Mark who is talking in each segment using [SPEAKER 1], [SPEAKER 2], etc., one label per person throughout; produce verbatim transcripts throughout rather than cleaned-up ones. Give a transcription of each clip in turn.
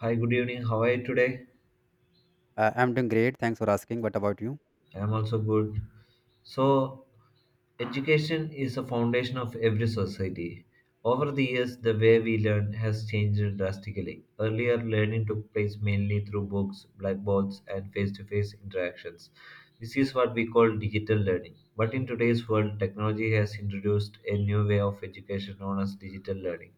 [SPEAKER 1] Hi, good evening. How are you today?
[SPEAKER 2] Uh, I'm doing great. Thanks for asking. What about you?
[SPEAKER 1] I am also good. So, Education is the foundation of every society. Over the years, the way we learn has changed drastically. Earlier, learning took place mainly through books, blackboards, and face to face interactions. This is what we call digital learning. But in today's world, technology has introduced a new way of education known as digital learning.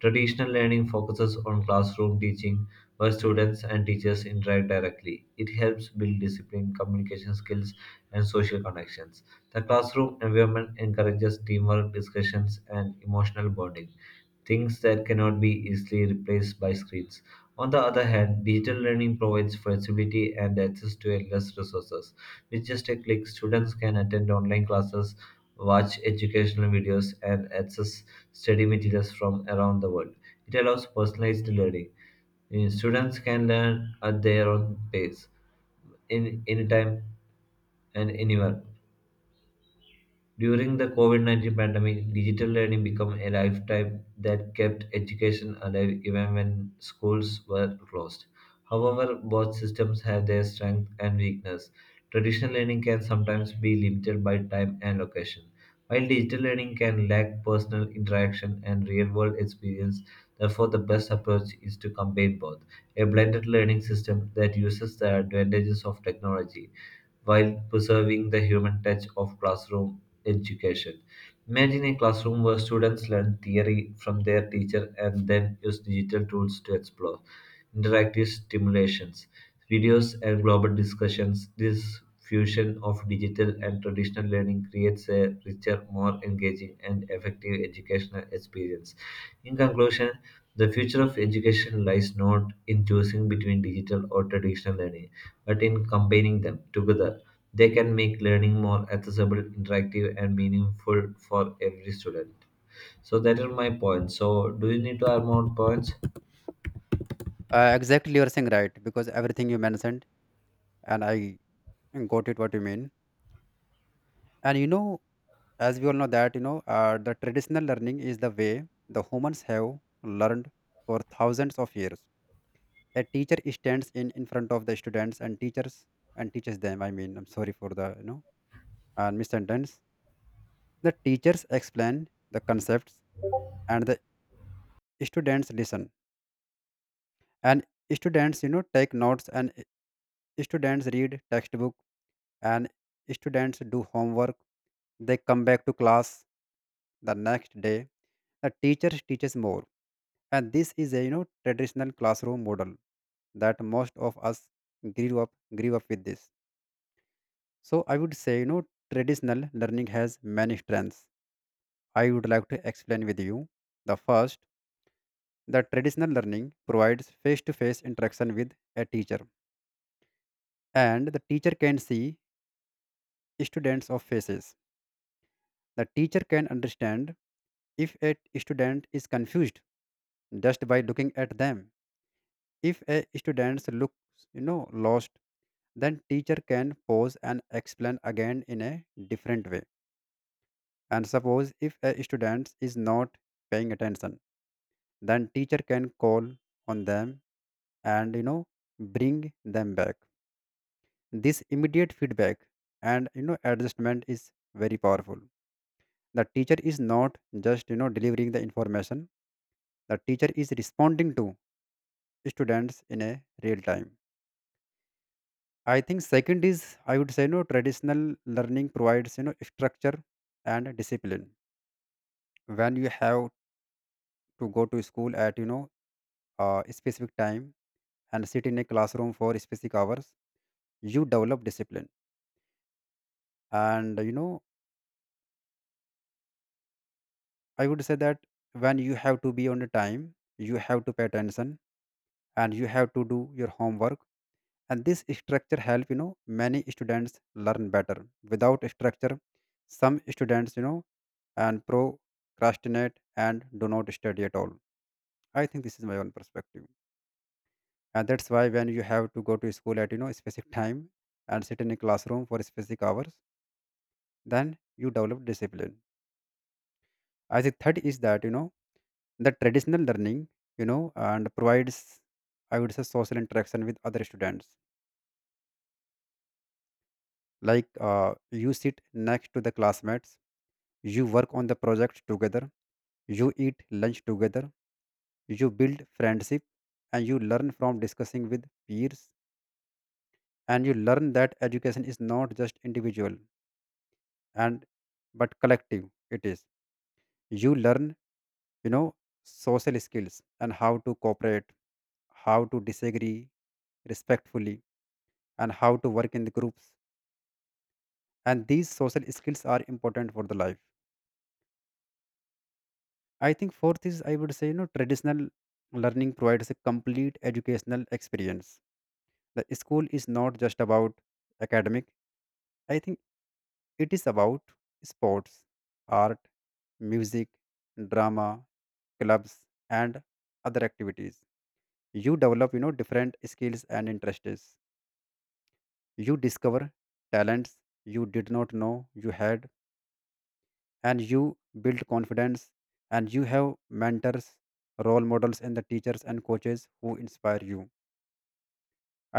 [SPEAKER 1] Traditional learning focuses on classroom teaching, where students and teachers interact directly. It helps build discipline, communication skills, and social connections. The classroom environment encourages teamwork, discussions, and emotional bonding, things that cannot be easily replaced by screens. On the other hand, digital learning provides flexibility and access to endless resources. With just a click, students can attend online classes, watch educational videos, and access study materials from around the world. It allows personalized learning. Uh, Students can learn at their own pace, in anytime and anywhere, during the COVID nineteen pandemic, digital learning became a lifetime that kept education alive even when schools were closed. However, both systems have their strengths and weakness. Traditional learning can sometimes be limited by time and location, while digital learning can lack personal interaction and real world experience. Therefore, the best approach is to combine both, a blended learning system that uses the advantages of technology while preserving the human touch of classroom education. Imagine a classroom where students learn theory from their teacher and then use digital tools to explore. Interactive stimulations, videos, and global discussions. This fusion of digital and traditional learning creates a richer, more engaging, and effective educational experience. In conclusion, the future of education lies not in choosing between digital or traditional learning, but in combining them together, they can make learning more accessible, interactive, and meaningful for every student. So that is my point. So do you need to add more points?
[SPEAKER 2] Uh, exactly, you're saying right because everything you mentioned, and I got it what you mean. And you know, as we all know that you know, uh, the traditional learning is the way the humans have learned for thousands of years. A teacher stands in in front of the students and teachers and teaches them. I mean, I'm sorry for the you know uh, missentence. The teachers explain the concepts and the students listen, and students you know take notes, and students read textbook, and students do homework. They come back to class the next day, the teacher teaches more, and this is a you know traditional classroom model that most of us grew up grew up with this. So I would say you know traditional learning has many strengths. I would like to explain with you. The first, the traditional learning provides face to face interaction with a teacher, and the teacher can see students of faces. The teacher can understand if a student is confused just by looking at them. If a student looks you know lost, then teacher can pause and explain again in a different way. And suppose if a student is not paying attention, then teacher can call on them and you know bring them back. This immediate feedback and you know adjustment is very powerful. The teacher is not just you know delivering the information. The teacher is responding to students in a real time. I think second is I would say no traditional learning provides you know structure and discipline. When you have to go to school at you know uh, a specific time and sit in a classroom for specific hours, you develop discipline. And you know I would say that when you have to be on a time, you have to pay attention and you have to do your homework. And this structure help you know many students learn better. Without structure, some students you know and procrastinate and do not study at all. I think this is my own perspective. And that's why when you have to go to school at you know specific time and sit in a classroom for specific hours, then you develop discipline. I think third is that you know the traditional learning you know and provides, I would say, social interaction with other students. Like uh, you sit next to the classmates, you work on the project together, you eat lunch together, you build friendship, and you learn from discussing with peers, and you learn that education is not just individual and but collective it is. You learn you know social skills and how to cooperate, how to disagree respectfully, and how to work in the groups. And these social skills are important for the life. I think fourth is I would say you know traditional learning provides a complete educational experience. The school is not just about academic. I think it is about sports, art, music, drama, clubs, and other activities. You develop you know different skills and interests. You discover talents you did not know you had, and you build confidence, and you have mentors, role models, and the teachers and coaches who inspire you.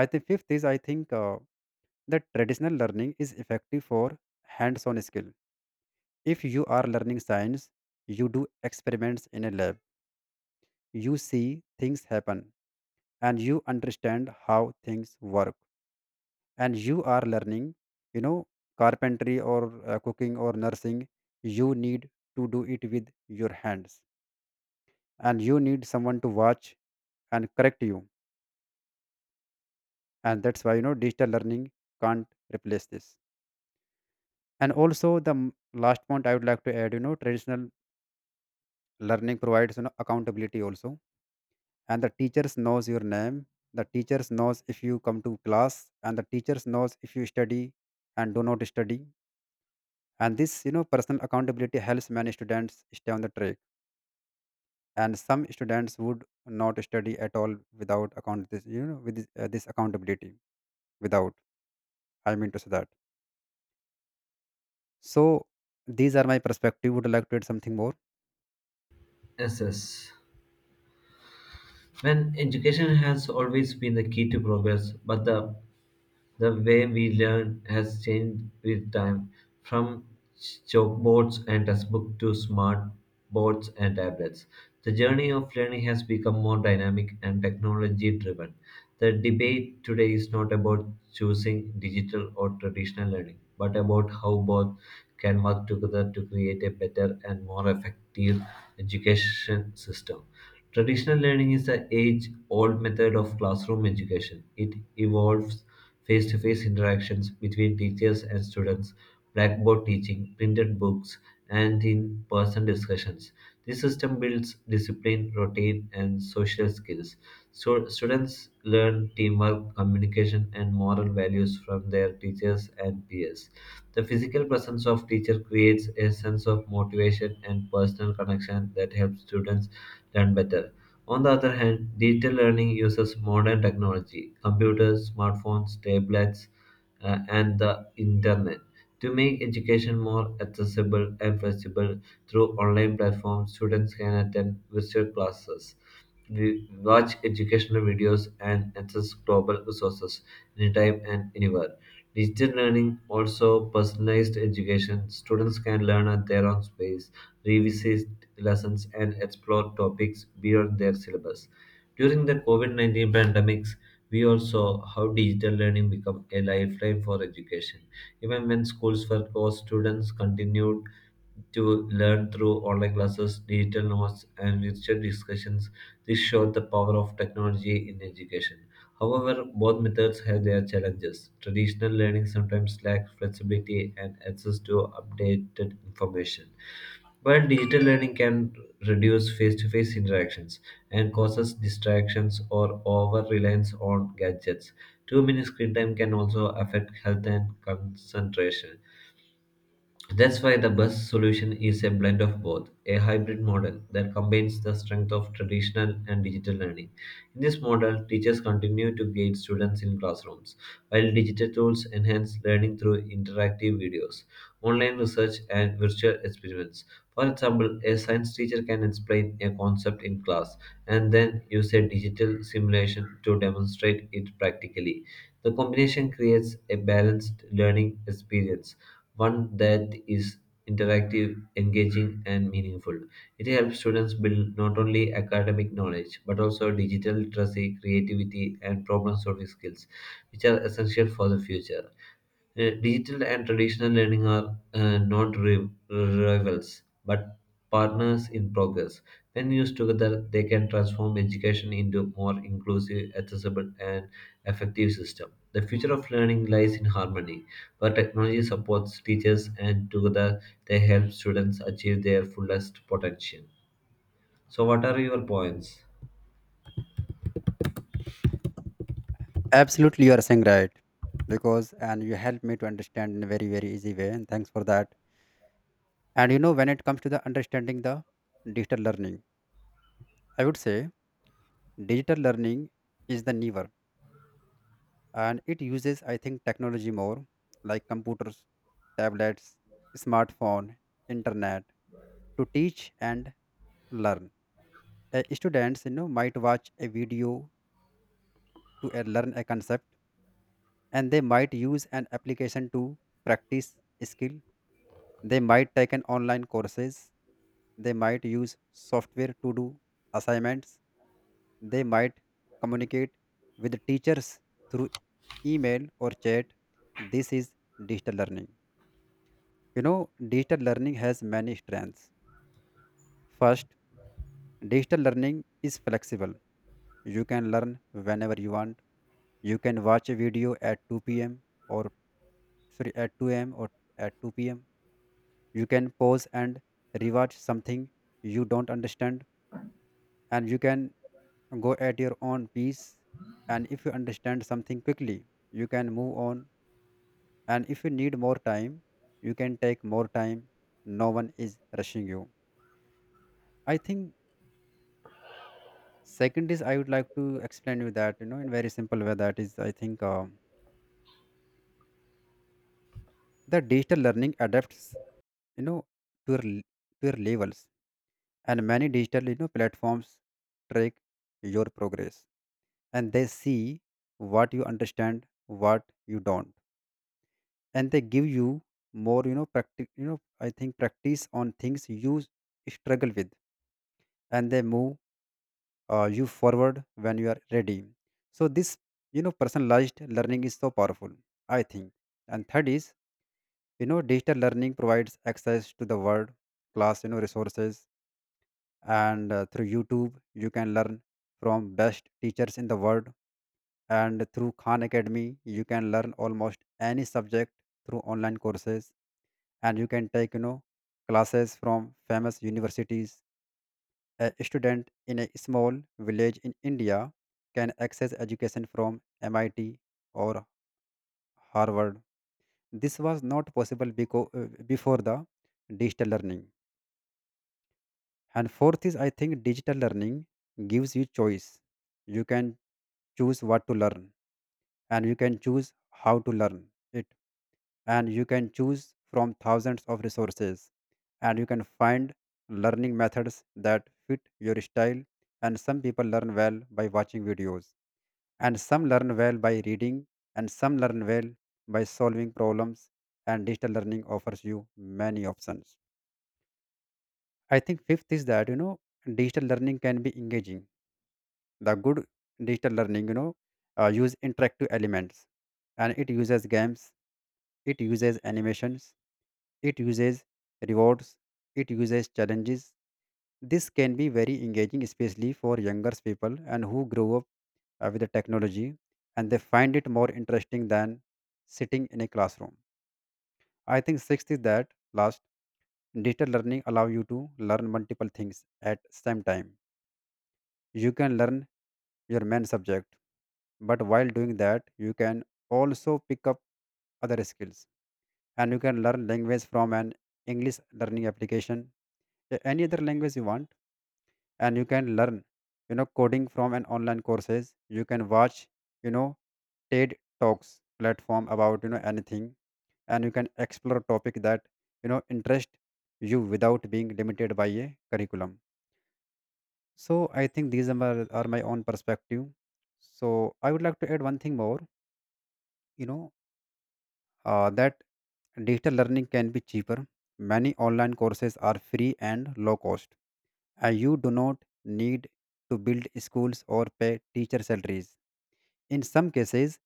[SPEAKER 2] I think fifth is I think uh, that traditional learning is effective for hands on skill. If you are learning science, you do experiments in a lab, you see things happen, and you understand how things work. And you are learning you know carpentry or uh, cooking or nursing, you need to do it with your hands, and you need someone to watch and correct you. And that's why you know digital learning can't replace this. And also the m- last point I would like to add, you know traditional learning provides you know accountability also. And the teachers knows your name, the teachers knows if you come to class, and the teachers knows if you study and do not study. And this you know personal accountability helps many students stay on the track. And some students would not study at all without account this, you know with this, uh, this accountability. Without, I mean to say that. So these are my perspective. Would you like to add something more?
[SPEAKER 1] Yes, yes. When education has always been the key to progress, but the the way we learn has changed with time, from chalkboards and textbooks to smart boards and tablets. The journey of learning has become more dynamic and technology driven. The debate today is not about choosing digital or traditional learning, but about how both can work together to create a better and more effective education system. Traditional learning is the age old method of classroom education. It involves face to face interactions between teachers and students, blackboard teaching, printed books, and in person discussions. This system builds discipline, routine, and social skills. So, students learn teamwork, communication, and moral values from their teachers and peers. The physical presence of teacher creates a sense of motivation and personal connection that helps students learn better. On the other hand, digital learning uses modern technology, computers, smartphones, tablets, uh, and the internet to make education more accessible and flexible through online platforms. Students can attend virtual classes, re- watch educational videos, and access global resources anytime and anywhere. Digital learning also personalized education. Students can learn at their own pace, revisit lessons, and explore topics beyond their syllabus. During the COVID nineteen pandemic, we also how digital learning became a lifeline for education. Even when schools were closed, students continued to learn through online classes, digital notes, and virtual discussions. This showed the power of technology in education. However, both methods have their challenges. Traditional learning sometimes lacks flexibility and access to updated information, while digital learning can reduce face to face interactions and causes distractions or over reliance on gadgets, too many screen time can also affect health and concentration. That's why the best solution is a blend of both, a hybrid model that combines the strength of traditional and digital learning. In this model, teachers continue to guide students in classrooms, while digital tools enhance learning through interactive videos, online research, and virtual experiments. For example, a science teacher can explain a concept in class and then use a digital simulation to demonstrate it practically. The combination creates a balanced learning experience, one that is interactive, engaging, and meaningful. It helps students build not only academic knowledge but also digital literacy, creativity, and problem solving skills, which are essential for the future. Uh, digital and traditional learning are uh, not ri- rivals but partners in progress. When used together, they can transform education into a more inclusive, accessible, and effective system. The future of learning lies in harmony, where technology supports teachers and together they help students achieve their fullest potential. So, what are your points?
[SPEAKER 2] Absolutely, you are saying right. Because and you help me to understand in a very very easy way, and thanks for that. And you know, when it comes to the understanding the digital learning, I would say digital learning is the newer, and it uses, I think, technology more, like computers, tablets, smartphone, internet to teach and learn. Uh, students, you know, might watch a video to uh, learn a concept, and they might use an application to practice skill. They might take an online courses, they might use software to do assignments, they might communicate with teachers through email or chat. This is digital learning. you know Digital learning has many strengths. First, digital learning is flexible. You can learn whenever you want. You can watch a video at two p m, or sorry, at two a m or at two p m. You can pause and rewatch something you don't understand, and you can go at your own pace. And if you understand something quickly, you can move on. And if you need more time, you can take more time. No one is rushing you. I think second is I would like to explain you that, you know in very simple way, that is, I think, um the digital learning adapts you know to your l- to your levels. And many digital you know platforms track your progress, and they see what you understand, what you don't, and they give you more, you know practice, you know I think, practice on things you struggle with. And they move, uh, you forward when you are ready. So this you know personalized learning is so powerful, I think. And third is, you know digital learning provides access to the world class you know resources. And uh, through YouTube, you can learn from best teachers in the world. And through Khan Academy, you can learn almost any subject through online courses. And you can take you know classes from famous universities. A student in a small village in India can access education from MIT or Harvard. This was not possible beco- uh, before the digital learning. And fourth is, I think digital learning gives you choice. You can choose what to learn, and you can choose how to learn it, and you can choose from thousands of resources, and you can find learning methods that fit your style. And some people learn well by watching videos, and some learn well by reading, and some learn well by solving problems. And digital learning offers you many options. I think fifth is that you know digital learning can be engaging. The good digital learning you know uh, use interactive elements, and it uses games, it uses animations, it uses rewards, it uses challenges. This can be very engaging, especially for younger people and who grow up uh, with the technology, and they find it more interesting than sitting in a classroom. I think sixth is that last, digital learning allow you to learn multiple things at same time. You can learn your main subject, but while doing that, you can also pick up other skills. And you can learn language from an English learning application, a- any other language you want. And you can learn, you know, coding from an online courses. You can watch, you know, TED Talks platform about, you know, anything. And you can explore topic that, you know, interest you without being limited by a curriculum. So I think these are my, are my own perspective. So I would like to add one thing more. You know uh, that digital learning can be cheaper. Many online courses are free and low cost, and you do not need to build schools or pay teacher salaries. In some cases,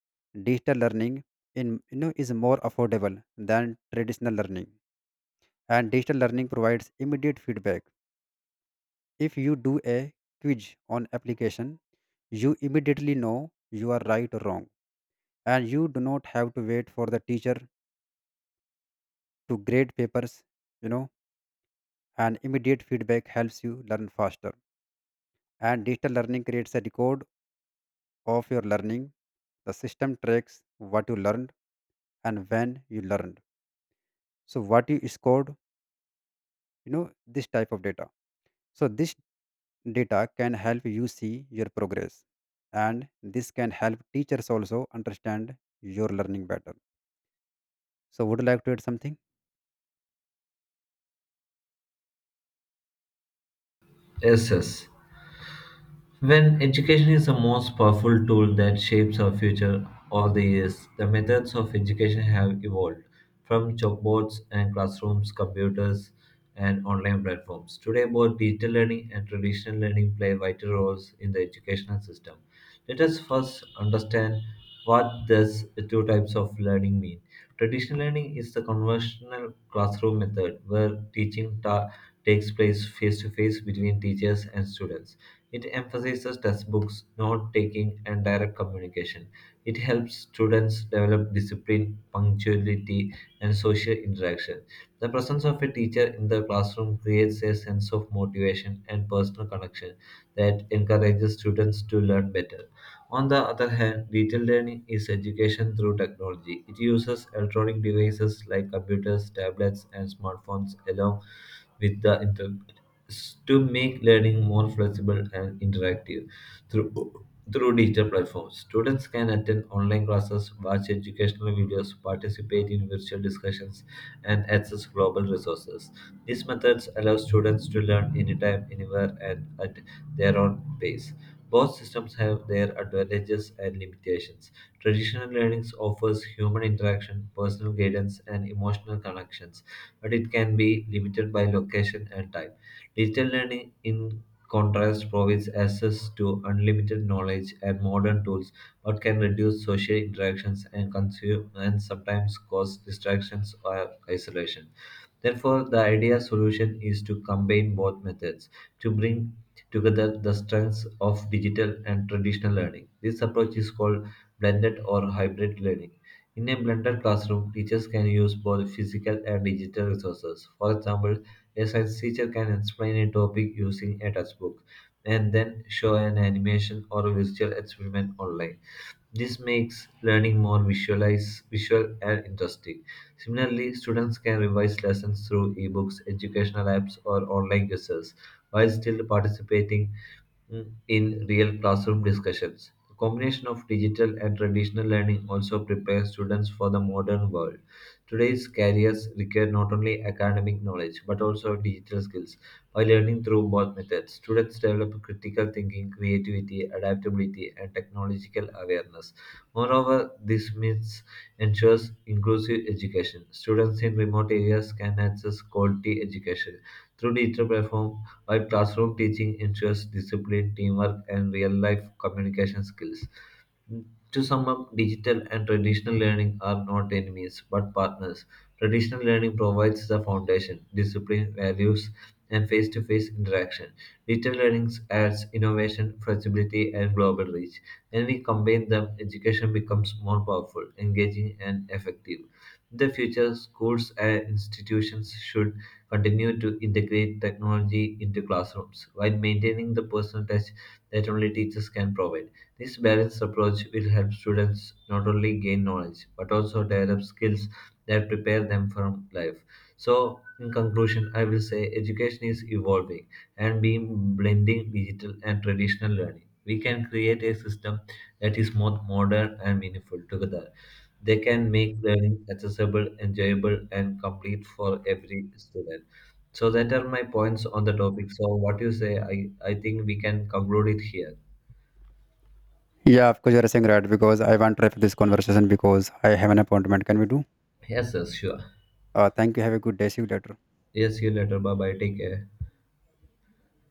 [SPEAKER 2] digital learning in you know is more affordable than traditional learning. And digital learning provides immediate feedback. If you do a quiz on application, you immediately know you are right or wrong, and you do not have to wait for the teacher to grade papers. You know, and immediate feedback helps you learn faster. And digital learning creates a record of your learning. The system tracks what you learned and when you learned. So what you scored, you know, this type of data. So this data can help you see your progress, and this can help teachers also understand your learning better. So would you like to add something?
[SPEAKER 1] Yes, yes. When education is the most powerful tool that shapes our future all the years, the methods of education have evolved from chalkboards and classrooms, computers, and online platforms. Today, both digital learning and traditional learning play vital roles in the educational system. Let us first understand what these two types of learning mean. Traditional learning is the conventional classroom method where teaching ta- takes place face to face between teachers and students. It emphasizes textbooks, note taking, and direct communication. It helps students develop discipline, punctuality, and social interaction. The presence of a teacher in the classroom creates a sense of motivation and personal connection that encourages students to learn better. On the other hand, digital learning is education through technology. It uses electronic devices like computers, tablets, and smartphones along with the internet to make learning more flexible and interactive. Through, Through digital platforms, students can attend online classes, watch educational videos, participate in virtual discussions, and access global resources. These methods allow students to learn anytime, anywhere, and at their own pace. Both systems have their advantages and limitations. Traditional learning offers human interaction, personal guidance, and emotional connections, but it can be limited by location and time. Digital learning, in contrast, provides access to unlimited knowledge and modern tools, but can reduce social interactions and consume and sometimes cause distractions or isolation. Therefore, the ideal solution is to combine both methods to bring together the strengths of digital and traditional learning. This approach is called blended or hybrid learning. In a blended classroom, teachers can use both physical and digital resources. For example, a science teacher can explain a topic using a textbook and then show an animation or a visual experiment online. This makes learning more visualize, visual and interesting. Similarly, students can revise lessons through ebooks, educational apps, or online quizzes while still participating in real classroom discussions. The combination of digital and traditional learning also prepares students for the modern world. Today's careers require not only academic knowledge but also digital skills. By learning through both methods, students develop critical thinking, creativity, adaptability, and technological awareness. Moreover, this means ensures inclusive education. Students in remote areas can access quality education through digital platforms while classroom teaching ensures discipline, teamwork, and real-life communication skills. To sum up, digital and traditional learning are not enemies but partners. Traditional learning provides the foundation, discipline, values, and face to face interaction. Digital learning adds innovation, flexibility, and global reach. When we combine them, education becomes more powerful, engaging, and effective. In the future, schools and institutions should continue to integrate technology into classrooms while maintaining the personal touch that only teachers can provide. This balanced approach will help students not only gain knowledge but also develop skills that prepare them for life. So, in conclusion, I will say education is evolving and being blending digital and traditional learning. We can create a system that is both modern and meaningful together. They can make learning accessible, enjoyable, and complete for every student. So that are my points on the topic. So what you say, I, I think we can conclude it here.
[SPEAKER 2] Yeah, of course you are saying right because I want to wrap this conversation because I have an appointment. Can we do?
[SPEAKER 1] Yes, sir, sure.
[SPEAKER 2] Uh, thank you. Have a good day. See you later.
[SPEAKER 1] Yes, see you later. Bye bye. Take care.